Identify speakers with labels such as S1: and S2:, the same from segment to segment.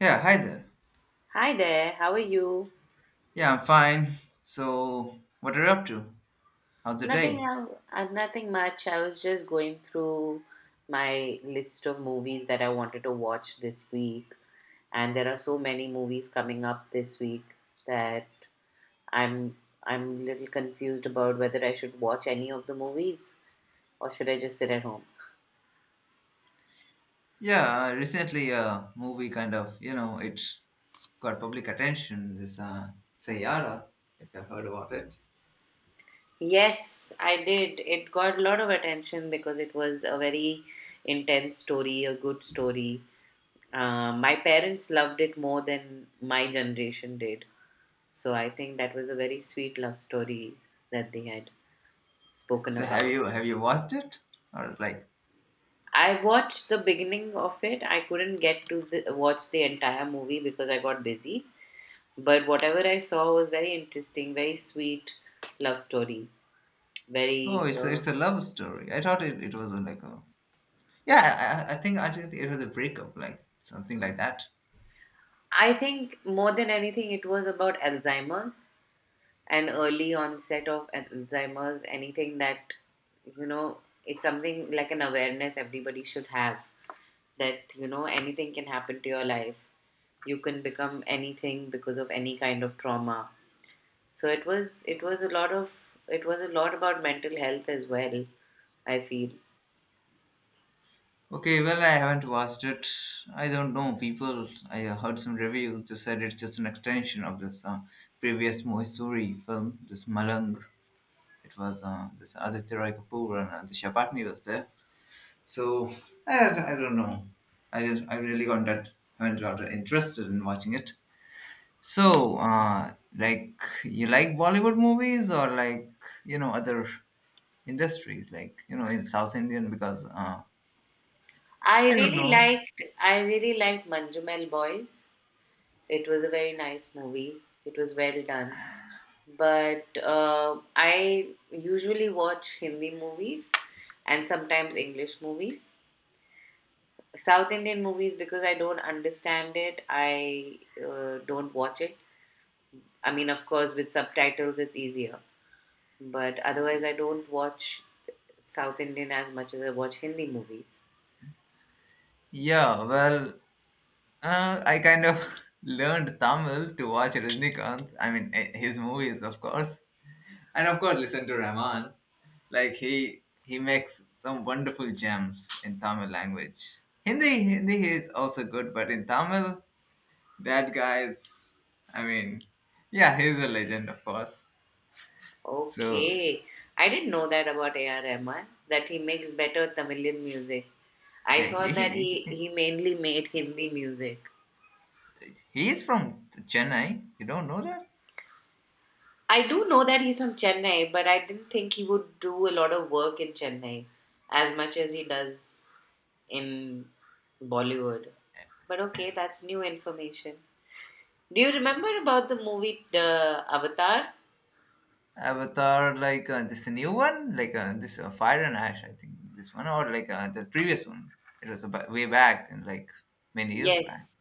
S1: Yeah, hi there.
S2: Hi there, how are you?
S1: Yeah, I'm fine. So, what are you up to? How's the day?
S2: Nothing much. I was just going through my list of movies that I wanted to watch this week, and there are so many movies coming up this week that I'm I'm a little confused about whether I should watch any of the movies or should I just sit at home.
S1: Yeah, recently a movie kind of, you know, it got public attention. This Sayara, if you've heard about it.
S2: Yes, I did. It got a lot of attention because it was a very intense story, a good story. My parents loved it more than my generation did. So I think that was a very sweet love story that they had spoken
S1: So, have
S2: about.
S1: you watched it? Or like,
S2: I watched the beginning of it. I couldn't get to watch the entire movie because I got busy. But whatever I saw was very interesting, very sweet love story.
S1: oh,
S2: Very, uh,
S1: it's a love story. I thought it was like a yeah. I think I think it was a breakup, like something like that.
S2: I think more than anything, it was about Alzheimer's and early onset of Alzheimer's. Anything that, you know, it's something like an awareness everybody should have, that you know anything can happen to your life, you can become anything because of any kind of trauma. So it was, it was a lot of it was a lot about mental health as well, I feel.
S1: Okay, well, I haven't watched it. I don't know. People, I heard some reviews. They said it's just an extension of this previous Moisuri film, this Malang. It was this Aditya Roy Kapoor and the Chapatni was there. So I don't know. I really got that haven't got interested in watching it. So
S2: Mm.
S1: like you like Bollywood movies or like you know other industries like you know in South Indian because
S2: i
S1: I don't
S2: really
S1: know.
S2: liked I really liked Manjumal Boys. It was a very nice movie. It was well done. But I usually watch Hindi movies and sometimes English movies. South Indian movies, because I don't understand it, I don't watch it. I mean, of course, with subtitles, it's easier. But otherwise, I don't watch South Indian as much as I watch Hindi movies.
S1: Yeah, well, I kind of learned Tamil to watch Rajnikant. I mean, his movies, of course, and of course, listen to Rahman. Like he makes some wonderful gems in Tamil language. Hindi is also good, but in Tamil, that guy's. I mean, yeah, he's a legend, of course. So
S2: Okay. I didn't know that about A.R. Rahman, that he makes better Tamilian music. I
S1: yeah, he
S2: thought that
S1: he,
S2: he mainly made Hindi music.
S1: he is from Chennai. You don't know that?
S2: I do know that he's from Chennai, but I didn't think he would do a lot of work in Chennai as much as he does in Bollywood. But okay, that's new information. Do you remember about the movie the Avatar?
S1: Avatar, like this new one, like this Fire and Ash, I think this one, or like the previous one. It was about way back and like many years back.
S2: Yes.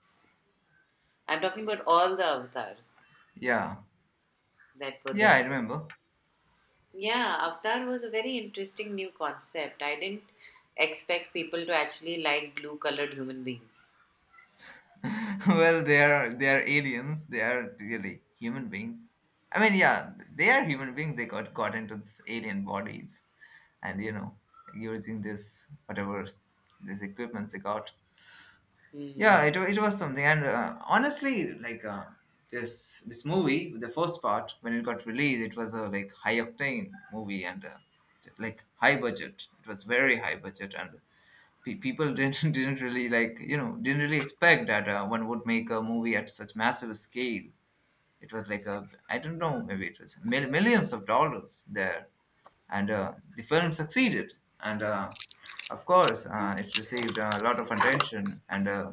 S2: I'm talking about all the avatars
S1: Yeah,
S2: that were
S1: yeah,
S2: there.
S1: I remember.
S2: Yeah, Avatar was a very interesting new concept. I didn't expect people to actually like blue colored human beings.
S1: Well, they are aliens. They are really human beings. I mean, yeah, they are human beings. They got into this alien bodies, and you know, using this whatever this equipment they got.
S2: Hmm.
S1: Yeah, it was something, and honestly, like this movie, the first part when it got released, it was a like high octane movie and like high budget. It was very high budget, and people didn't didn't really like you know didn't really expect that one would make a movie at such massive scale. It was like a I don't know maybe it was millions of dollars there, and the film succeeded, and of course it received a lot of attention and.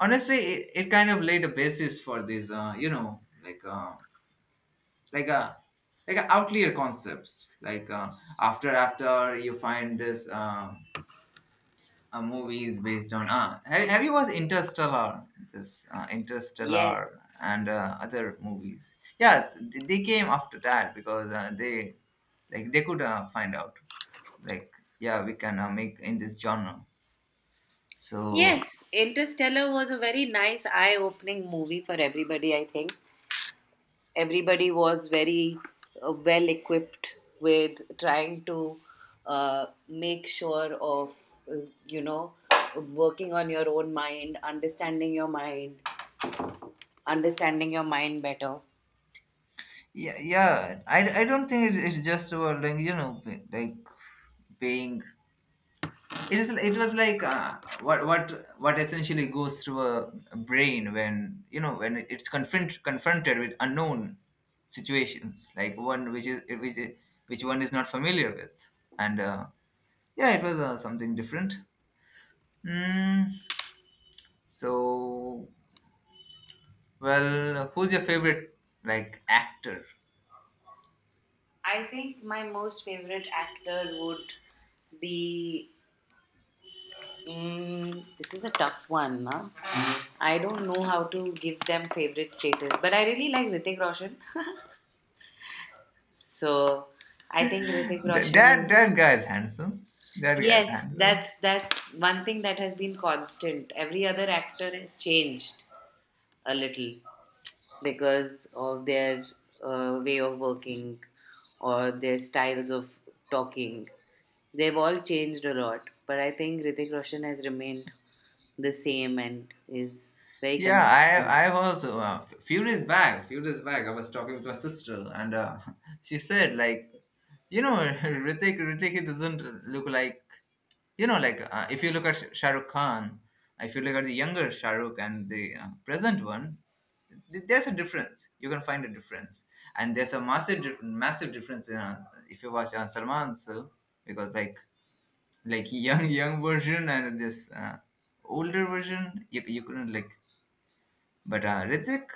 S1: Honestly it kind of laid a basis for these you know like a like a outlier concepts like after you find this a movie is based on have you watched interstellar this
S2: Yes.
S1: interstellar and other movies yeah they came after that because they like they could find out like yeah we can make in this genre so
S2: Yes, Interstellar was a very nice eye opening movie for everybody, I think. Everybody was very well equipped with trying to make sure of, uh, you know working on your own mind, understanding your mind, understanding your mind better.
S1: yeah I don't think it's just about like you know like paying it is it was like what essentially goes through a brain when you know when it's confronted with unknown situations like one which is which one is not familiar with and yeah it was something different mm, so well who's your favorite like actor
S2: I think my most favorite actor would be, this is a tough one, huh? I don't know how to give them favorite status, but I really like Ritik Roshan. So I think Ritik
S1: Th-
S2: Roshan
S1: that
S2: is—
S1: that guy is handsome that guy is
S2: Yes,
S1: handsome
S2: that's one thing that has been constant. Every other actor has changed a little because of their way of working or their styles of talking. They've all changed a lot, but I think Ritik Roshan has remained the same and is very
S1: Yeah,
S2: consistent.
S1: I've also few days back, I was talking with my sister, and she said like, you know, Ritik it doesn't look like you know like if you look at Shah Rukh Khan, if you look at the younger Shah Rukh and the present one, there's a difference. You can find a difference, and there's a massive difference in, if you watch Salman so because like young young version and this older version you, you couldn't like but Ritik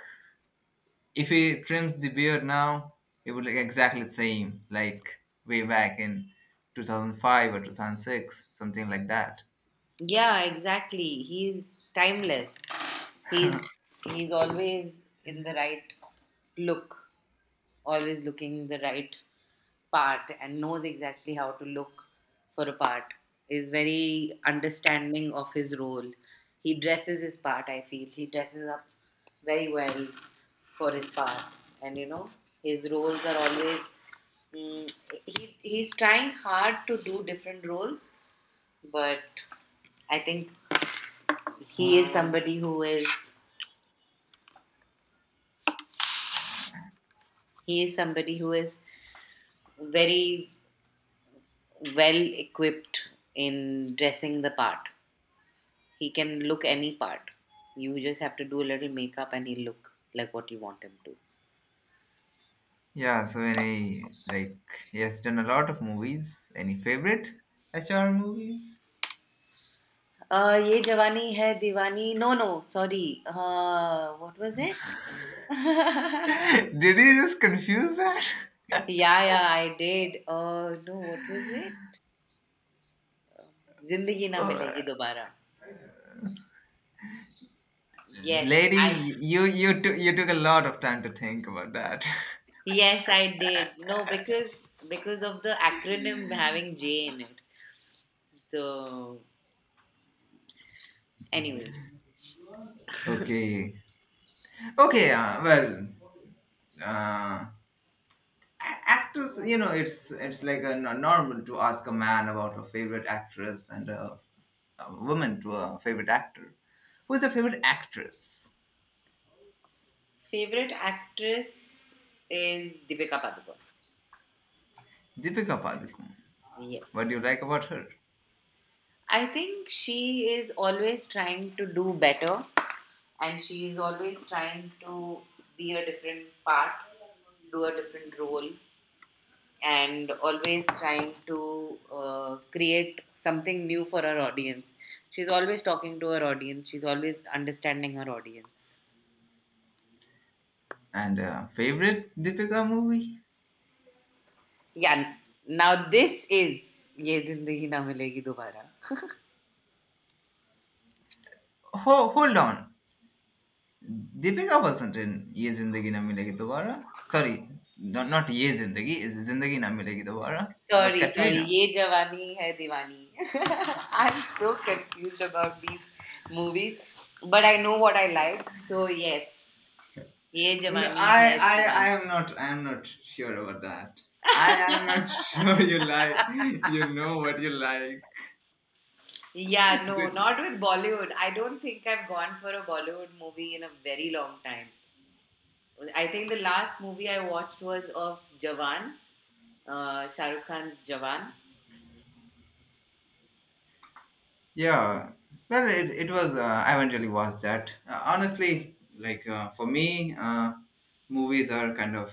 S1: if he trims the beard now, it would look exactly the same, like way back in 2005 or 2006, something like that.
S2: Yeah, exactly. He's timeless. He's he's always in the right look, always looking the right part, and knows exactly how to look for a part, is very understanding of his role. He dresses his part, I feel. He dresses up very well for his parts, and you know his roles are always, mm, he's trying hard to do different roles, but I think he is somebody who is— he is somebody who is very well equipped in dressing the part. He can look any part. You just have to do a little makeup and he'll look like what you want him to.
S1: Yeah, so any like he has done a lot of movies. Any favorite HR movies?
S2: Ye Jawani Hai Diwani. No, no, sorry. What was it? Yeah,
S1: Did he just confuse that?
S2: yeah, I did. No, what was it? Zindagi Na
S1: Uh,
S2: Milegi Dobara. Yes,
S1: lady,
S2: I—
S1: you took a lot of time to think about that.
S2: yes I did. No, because of the acronym having J in it. So anyway,
S1: Okay, okay. Well, uh, actors you know it's like a normal to ask a man about a favorite actress and a woman to a favorite actor who's your favorite actress
S2: favorite actress is Deepika Padukone.
S1: deepika padukone what
S2: Yes.
S1: do you like about her
S2: I think she is always trying to do better, and she is always trying to be a different part, do a different role, and always trying to create something new for her audience. She's always talking to her audience, she's always understanding her audience.
S1: and favorite deepika movie
S2: Yeah, now this is Ye Zindagi Na Milegi Dobara.
S1: Hold on deepika wasn't in ye zindagi na milegi dobara sorry no, not ye zindagi is zindagi na milegi dobara it was
S2: Sorry, sorry.
S1: katrina
S2: Ye Jawani Hai Diwani. I'm so confused about these movies, but I know what I like. So yes, Ye
S1: No,
S2: Jawani Hai
S1: I
S2: Diwani.
S1: am not. I am not sure about that. I am not sure you like. You know what you like.
S2: Yeah, no,
S1: Did-
S2: not with Bollywood. I don't think I've gone for a Bollywood movie in a very long time. I think the last movie I watched was of Jawan, Shah Rukh Khan's Jawan.
S1: Yeah. It was. I haven't really watched that. Honestly, like for me, movies are kind of.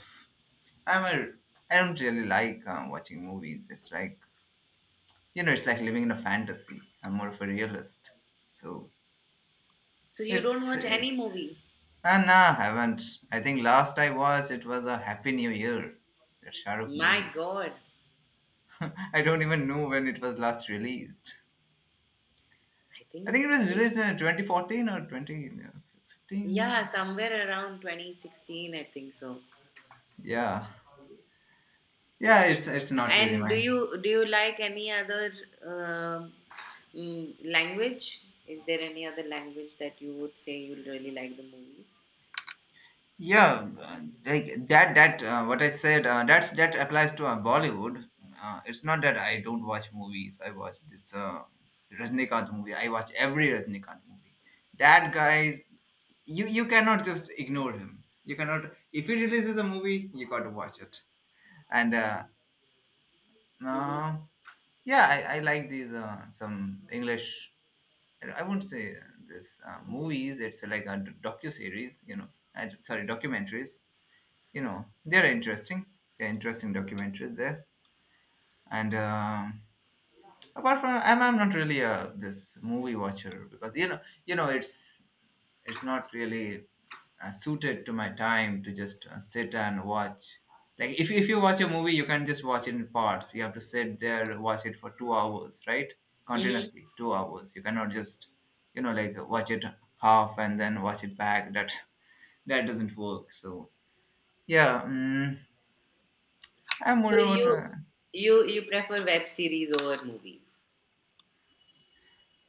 S1: I'm a. I don't really like watching movies. It's like you know, it's like living in a fantasy. I'm more of a realist. So
S2: So you
S1: it's
S2: don't watch any
S1: it's
S2: movie?
S1: ah, nah, haven't. I think last I watched it was a Happy New Year, that Shahrukh
S2: My
S1: movie.
S2: God,
S1: I don't even know when it was last released.
S2: I
S1: I think
S2: think
S1: it was
S2: it
S1: released in
S2: was.
S1: 2014 or
S2: Yeah,
S1: 2015.
S2: somewhere around 2016, I think so.
S1: Yeah, yeah, it's
S2: So,
S1: not really
S2: and do
S1: my
S2: you, do you like any other, um language? Is there any other language that you would say you really like the movies?
S1: yeah, like that. That what I said. That's that applies to Bollywood. It's not that I don't watch movies. I watch this Rajnikant movie. I watch every Rajnikant movie. That guy, you cannot just ignore him. You cannot. If he releases a movie, you got to watch it. And
S2: Mm-hmm.
S1: uh, yeah, I like these some English. I won't say this movies. It's like a docu series. You know, I, sorry, documentaries you know they're interesting documentaries there and apart from and I'm not really a this movie watcher because you know it's not really suited to my time to just sit and watch like if you watch a movie you can just watch it in parts you have to sit there watch it for 2 hours right
S2: Mm-hmm.
S1: continuously 2 hours you cannot just you know like watch it half and then watch it back that that doesn't work so yeah I'm more
S2: So
S1: about
S2: you
S1: a
S2: you you prefer web series over movies?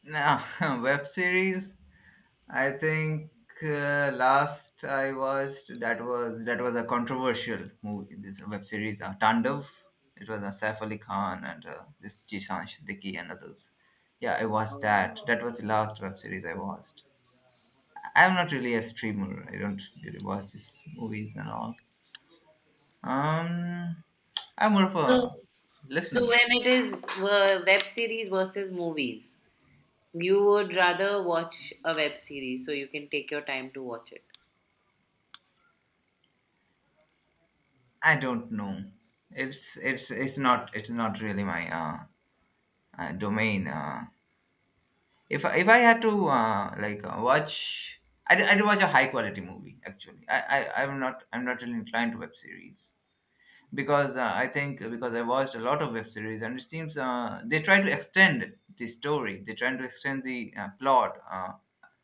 S1: now, web series. I think last I watched that was a controversial movie. This web series, Tandav. It was a Saif Ali Khan and this Jishan Siddiqui and others. Yeah, I watched
S2: Oh.
S1: that. That was the last web series I watched. I'm not really a streamer. I don't really watch these movies and all. Um, I'm more of
S2: So
S1: a
S2: so
S1: listener.
S2: when it is, web series versus movies, you would rather watch a web series so you can take your time to watch it.
S1: I don't know. It's not really my domain. If I had to like watch, I'd watch a high quality movie. Actually, I'm not really inclined to web series because I think because I watched a lot of web series and it seems they try to extend the story. They try to extend the plot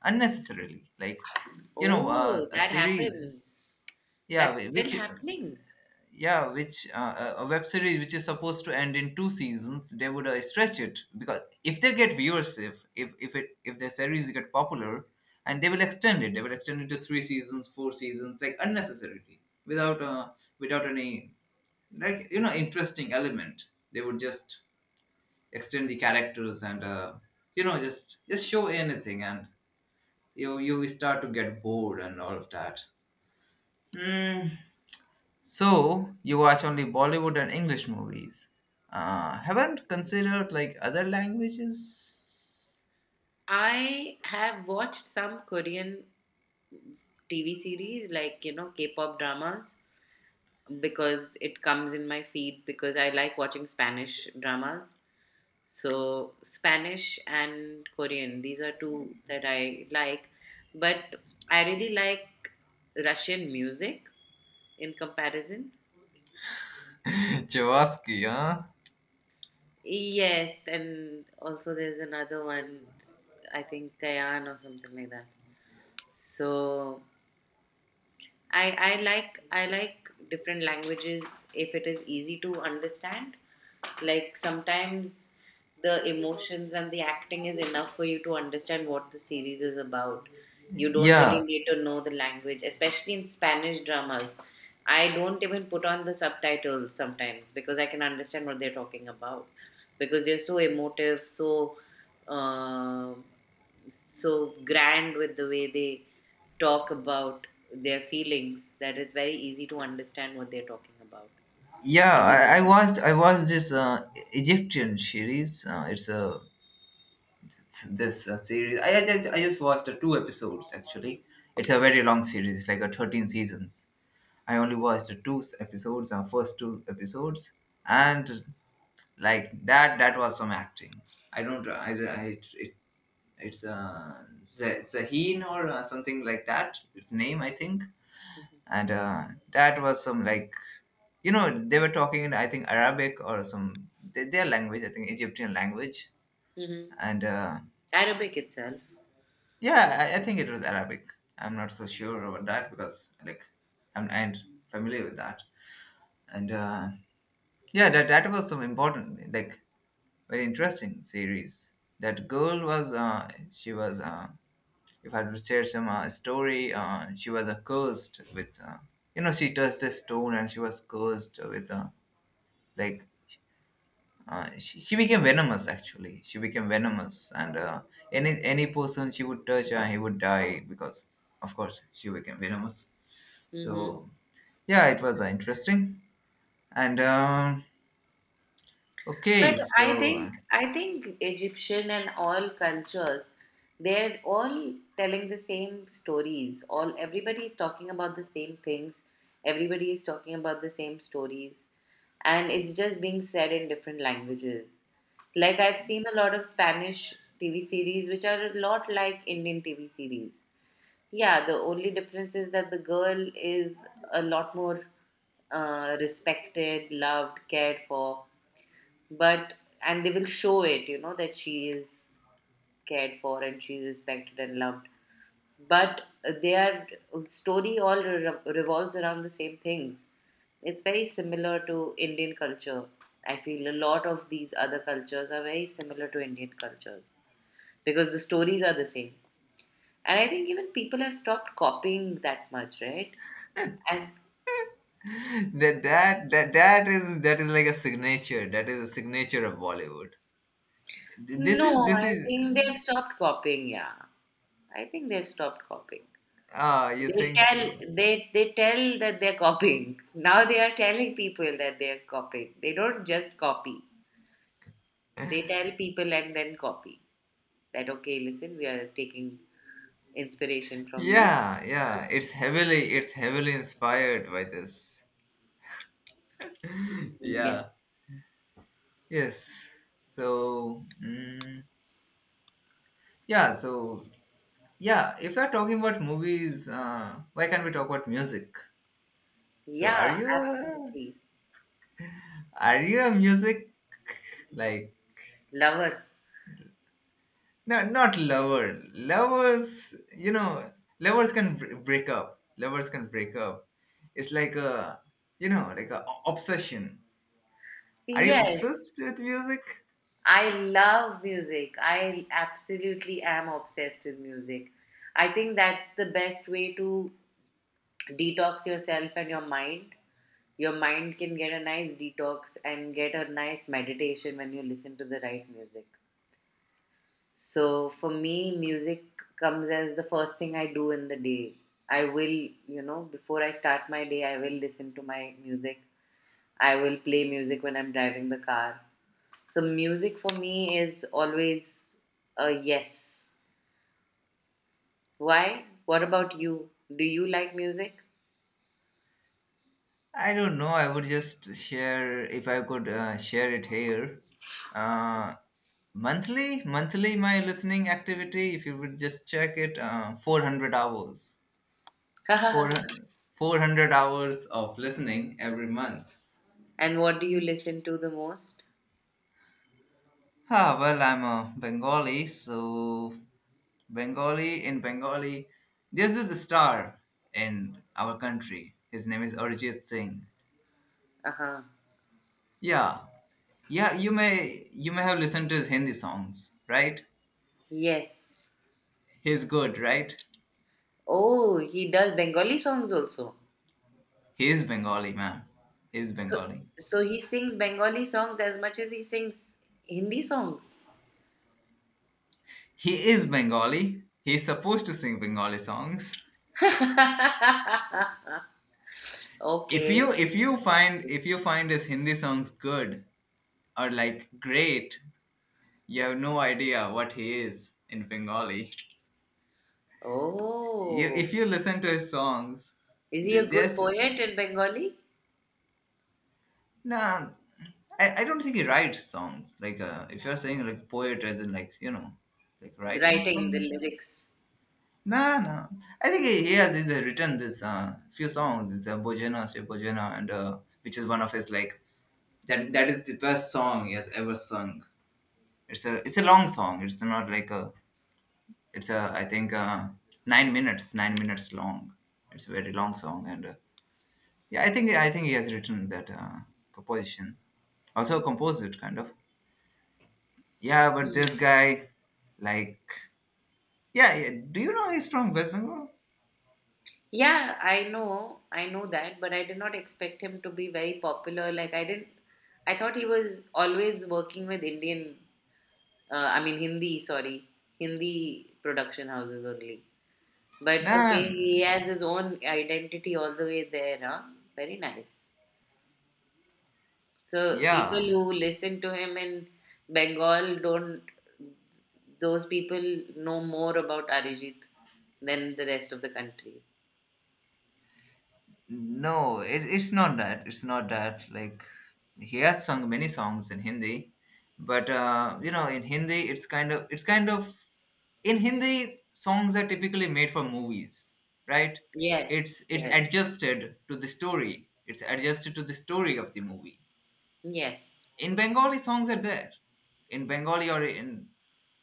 S1: unnecessarily. Like you know,
S2: Oh,
S1: a
S2: that
S1: series.
S2: happens.
S1: Yeah,
S2: That's
S1: whi-
S2: still
S1: which
S2: happening.
S1: yeah, which a web series which is supposed to end in two seasons, they would stretch it because if they get viewership, if it if their series get popular, and they will extend it, they will extend it to three seasons, four seasons, like unnecessarily, without without any like you know interesting element. They would just extend the characters and you know just show anything, and you start to get bored and all of that. Hmm. So you watch only Bollywood and English movies. Haven't considered like other languages?
S2: I have watched some Korean TV series, like, you know, K pop dramas, because it comes in my feed because I like watching Spanish dramas. So, Spanish and Korean, these are two that I like. But I really like Russian music in comparison.
S1: Jawaski, huh?
S2: Yes, and also there's another one, I think Kayan or something like that. So, I like different languages if it is easy to understand. Like sometimes the emotions and the acting is enough for you to understand what the series is about. You don't really
S1: Yeah,
S2: need to know the language, especially in Spanish dramas. I don't even put on the subtitles sometimes because I can understand what they're talking about because they're so emotive, so um so grand with the way they talk about their feelings that it's very easy to understand what they're talking about.
S1: yeah.
S2: I mean,
S1: I watched this Egyptian series. It's a it's this series. I just watched two episodes actually. It's a very long series, like a 13 seasons. I only watched the two episodes, first two episodes, and like that that was some acting. I don't I it's Zahin or something like that. Its name, I think.
S2: hmm.
S1: And that was some like you know they were talking in I think Arabic or some their language. I think Egyptian language.
S2: Hmm.
S1: And
S2: Arabic itself.
S1: yeah, I think it was Arabic. I'm not so sure about that because like I'm familiar with that. And yeah, that that was some important like very interesting series. That girl was she was. If I had to share some story, she was cursed with, you know, she touched a stone and she was cursed with, like, she became venomous actually. She became venomous, and any person she would touch, he would die because, of course, she became venomous.
S2: Hmm.
S1: So yeah, it was interesting. And
S2: But
S1: okay,
S2: I
S1: so
S2: think I think Egyptian and all cultures, they're all telling the same stories. All everybody is talking about the same things. Everybody is talking about the same stories, and it's just being said in different languages. Like I've seen a lot of Spanish TV series which are a lot like Indian TV series. Yeah, the only difference is that the girl is a lot more, respected, loved, cared for, but— and they will show it, you know, that she is cared for and she is respected and loved, but their story all revolves around the same things. It's very similar to Indian culture. I feel a lot of these other cultures are very similar to Indian cultures because the stories are the same, and I think even people have stopped copying that much, right? And—
S1: that is like a signature. That is a signature of Bollywood. This
S2: no,
S1: is this
S2: I
S1: is.
S2: think they've stopped copying. Yeah, I think they've stopped copying.
S1: Ah, you
S2: They
S1: think
S2: tell
S1: so?
S2: they they tell that they're copying. Now they are telling people that they're copying. They don't just copy. They tell people and then copy. That okay, listen, we are taking inspiration from you.
S1: Yeah, yeah. It's heavily inspired by this.
S2: Yes.
S1: Yeah. Yes. So mm, yeah, so yeah. If we are talking about movies, why can't we talk about music? So
S2: Yeah, absolutely.
S1: are you a music like?
S2: Lover.
S1: No, not lover, lovers you know, lovers can break up, lovers can break up. It's like a, you know, like a obsession. Are you
S2: Yes.
S1: obsessed with music?
S2: I love music. I absolutely am obsessed with music. I think that's the best way to detox yourself and your mind. Your mind can get a nice detox and get a nice meditation when you listen to the right music. So for me, music comes as the first thing I do in the day. I will, you know, before I start my day, I will listen to my music. I will play music when I'm driving the car. So music for me is always a yes. Why? What about you? Do you like music?
S1: I don't know. I would just share if I could share it here. Uh, monthly, my listening activity. If you would just check it, 400 hours,
S2: And
S1: four four hundred hours of listening every month.
S2: what do you listen to the most?
S1: Ah, well, I'm a Bengali, so Bengali, in Bengali, there's this star in our country. His name is Arijit Singh.
S2: Uh huh.
S1: Yeah, yeah. You may have listened to his Hindi songs, right?
S2: Yes.
S1: He's good, right?
S2: Oh, he does Bengali songs also.
S1: He is Bengali, ma'am. He is
S2: So,
S1: Bengali.
S2: so he sings Bengali songs as much as he sings Hindi songs.
S1: He is Bengali. He's supposed to sing Bengali songs. If
S2: Okay.
S1: you find his Hindi songs good or like great, you have no idea what he is in Bengali. You, if
S2: Oh,
S1: you listen to his songs,
S2: is he a
S1: th-
S2: good
S1: there's
S2: poet in Bengali?
S1: nah. I don't think he writes songs. Like if you're saying like poet as in like you know, like writing
S2: Writing the
S1: songs.
S2: lyrics.
S1: No, no. I think he's written this few songs. It's a Bojana, Sri Bojana, and which is one of his like that. That is the best song he has ever sung. It's a long song. It's not like a it's a I think 9 minutes, 9 minutes long. It's a very long song, and yeah, I think he has written that composition. Also composed it, kind of. Yeah, but this
S2: Hmm.
S1: guy, like, yeah, yeah. Do you know he's from West Bengal?
S2: Yeah, I know that, but I did not expect him to be very popular. Like I didn't, I thought he was always working with Indian, I mean Hindi, sorry, Hindi production houses only. But
S1: Nah,
S2: okay,
S1: nah.
S2: he has his own identity all the way there, huh? Very nice. So people
S1: Yeah.
S2: who listen to him in Bengal don't— those people know more about Arijit than the rest of the country.
S1: No, it, it's not that. It's not that. Like, he has sung many songs in Hindi, but you know, in Hindi, it's kind of in Hindi, songs are typically made for movies, right?
S2: Yes,
S1: It's
S2: yes,
S1: adjusted to the story. It's adjusted to the story of the movie.
S2: yes.
S1: In Bengali, songs are there, in Bengali, or in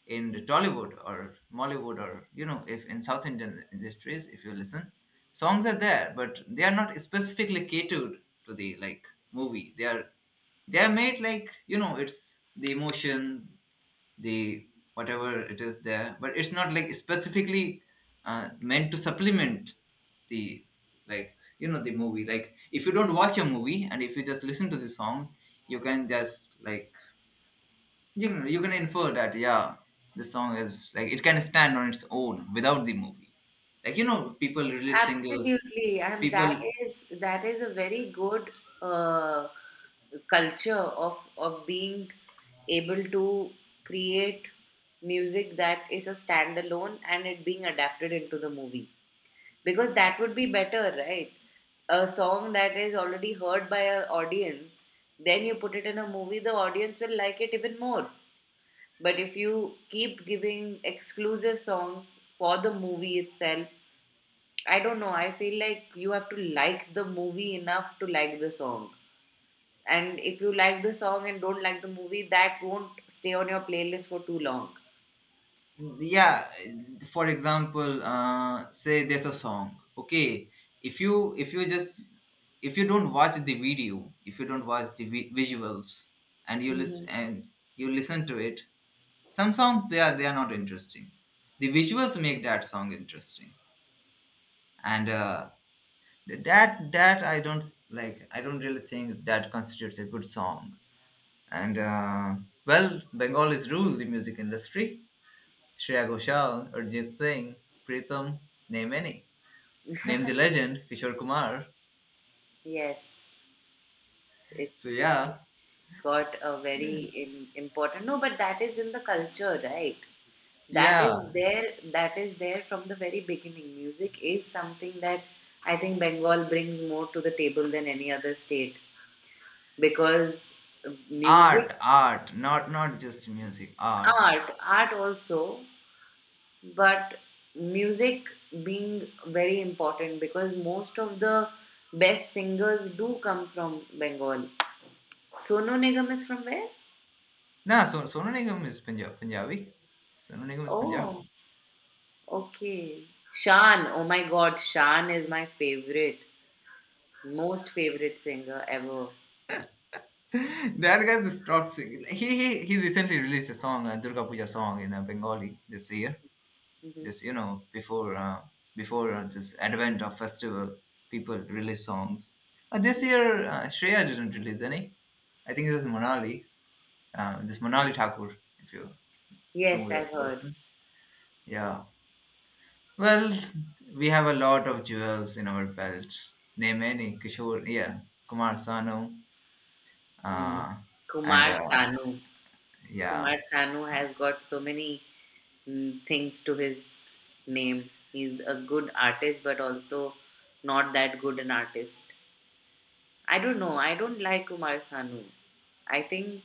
S1: in the Tollywood or Mollywood, or you know, if in South Indian industries, if you listen, songs are there, but they are not specifically catered to the, like, movie. They are made, like, you know, it's the emotion, the whatever it is there, but it's not like specifically meant to supplement the, like, you know, the movie. Like, if you don't watch a movie and if you just listen to the song, you can just like, you know, you can infer that yeah, the song is like, it can stand on its own without the movie. Like, you know, people release singles,
S2: Absolutely, and that
S1: people,
S2: is— that is a very good, uh, culture of being able to create music that is a standalone and it being adapted into the movie, because that would be better, right? A song that is already heard by an audience, then you put it in a movie, the audience will like it even more. But if you keep giving exclusive songs for the movie itself, I don't know. I feel like you have to like the movie enough to like the song. And if you like the song and don't like the movie, that won't stay on your playlist for too long.
S1: yeah. For example say there's a song, okay, if you, don't watch the video, if you don't watch the visuals, and
S2: Hmm.
S1: you listen to it, some songs, they are not interesting, the visuals make that song interesting. And that I don't like, I don't really think that constitutes a good song. And well, Bengal is rule the music industry. Shreya Ghoshal, Arjit Singh, Pritham, name any. Name the legend, Kishore Kumar.
S2: Yes, it's,
S1: So
S2: it's
S1: yeah,
S2: got a very im important— no, but that is in the culture, right? That
S1: yeah.
S2: is there. That is there from the very beginning. Music is something that I think Bengal brings more to the table than any other state because music—
S1: Art, art, not just music, art.
S2: art, art also. But music being very important because most of the best singers do come from Bengal. Sonu Nigam is from where?
S1: Nah, so Sonu Nigam is Punjab, Punjabi. Sonu Nigam is
S2: Oh,
S1: Punjabi.
S2: okay. Shan, oh my god, Shan is my favorite, most favorite singer ever.
S1: That guy just stopped singing. He recently released a song, a Durga Puja song in Bengali this year.
S2: Hmm.
S1: Just you know, before this advent of festival, people release songs. This year Shreya didn't release any. I think it was Monali, this Monali Thakur, if you know
S2: Yes, I've
S1: that
S2: heard.
S1: person. Yeah, well, we have a lot of jewels in our belt. Name any. Kishore, yeah, Kumar Sanu,
S2: Hmm.
S1: uh, and
S2: Kumar Sanu.
S1: yeah,
S2: Kumar Sanu has got so many, things to his name. He's a good artist, but also not that good an artist. I don't know. I don't like Kumar Sanu. I think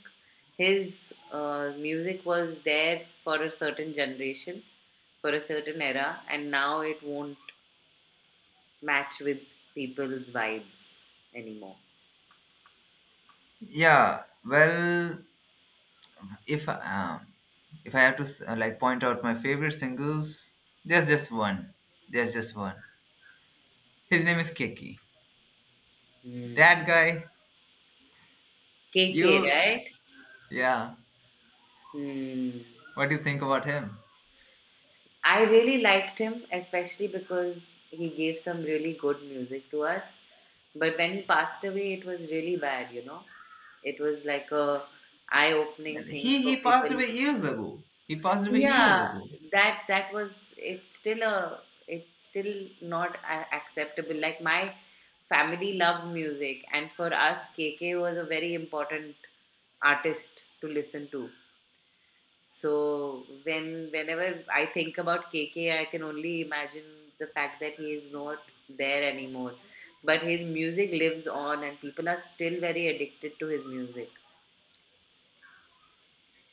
S2: his music was there for a certain generation, for a certain era, and now it won't match with people's vibes anymore.
S1: yeah. Well, if um, if I have to like point out my favorite singles, there's just one. There's just one. His name is Keki.
S2: Mm.
S1: That guy,
S2: K, K,
S1: you,
S2: right?
S1: yeah.
S2: Mm.
S1: What do you think about him?
S2: I really liked him, especially because he gave some really good music to us. But when he passed away, it was really bad, you know. It was like a eye-opening thing
S1: He
S2: for
S1: he passed
S2: people.
S1: away years ago. He passed away years
S2: Yeah,
S1: ago.
S2: that that was— it's still a— it's still not acceptable. Like my family loves music, and for us, KK was a very important artist to listen to. So when— whenever I think about KK, I can only imagine the fact that he is not there anymore. But his music lives on, and people are still very addicted to his music.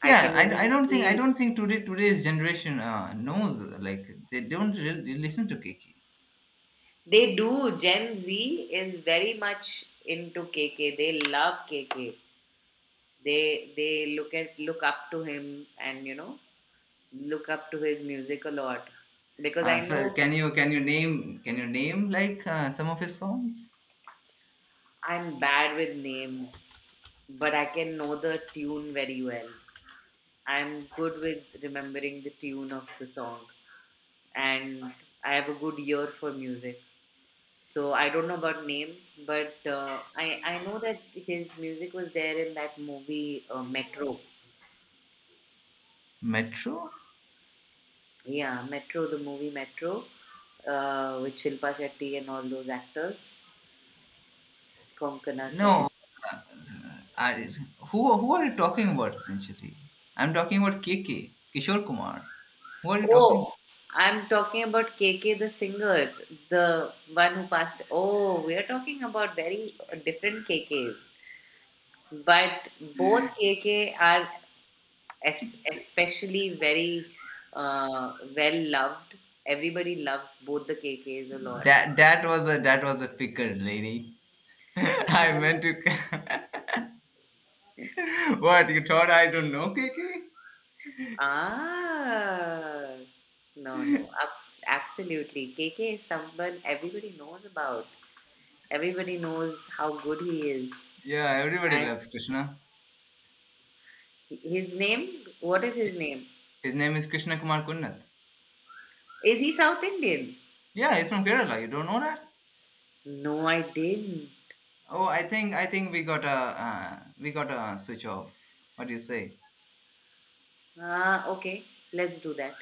S2: I
S1: Yeah,
S2: can
S1: I
S2: even
S1: don't think,
S2: see
S1: today, today's generation knows, like they don't really listen to Keki.
S2: they do. Gen Z is very much into KK. They love KK. They look at— look up to him, and you know look up to his music a lot because I
S1: So
S2: know—
S1: can you, can you name like some of his songs?
S2: I'm bad with names, but I can know the tune very well. I'm good with remembering the tune of the song, and I have a good ear for music. So I don't know about names, but I I know that his music was there in that movie Metro.
S1: Metro.
S2: Yeah, Metro, the movie Metro, with Shilpa Shetty and all those actors, Konkana Sen.
S1: No, uh, I, who are you talking about essentially? I'm talking about KK, Kishore Kumar. Who are you talking?
S2: Oh, I'm talking about KK the singer, the one who passed. Oh, we are talking about very different KKs. But both KK are es especially very, well loved. Everybody loves both the KKs a lot.
S1: That that was a, that was a picker lady. I meant to. What you thought? I don't know KK.
S2: Ah, no, no, absolutely. KK is someone everybody knows about. Everybody knows how good he is.
S1: Yeah, everybody
S2: And
S1: loves Krishna.
S2: his name, what is his name?
S1: His name is Krishna Kumar Kunnat.
S2: Is he South Indian?
S1: Yeah, he's from Kerala. You don't know that?
S2: No, I didn't.
S1: Oh, I think, we got a, we got a switch off. What do you say?
S2: Ah, okay. Let's do that.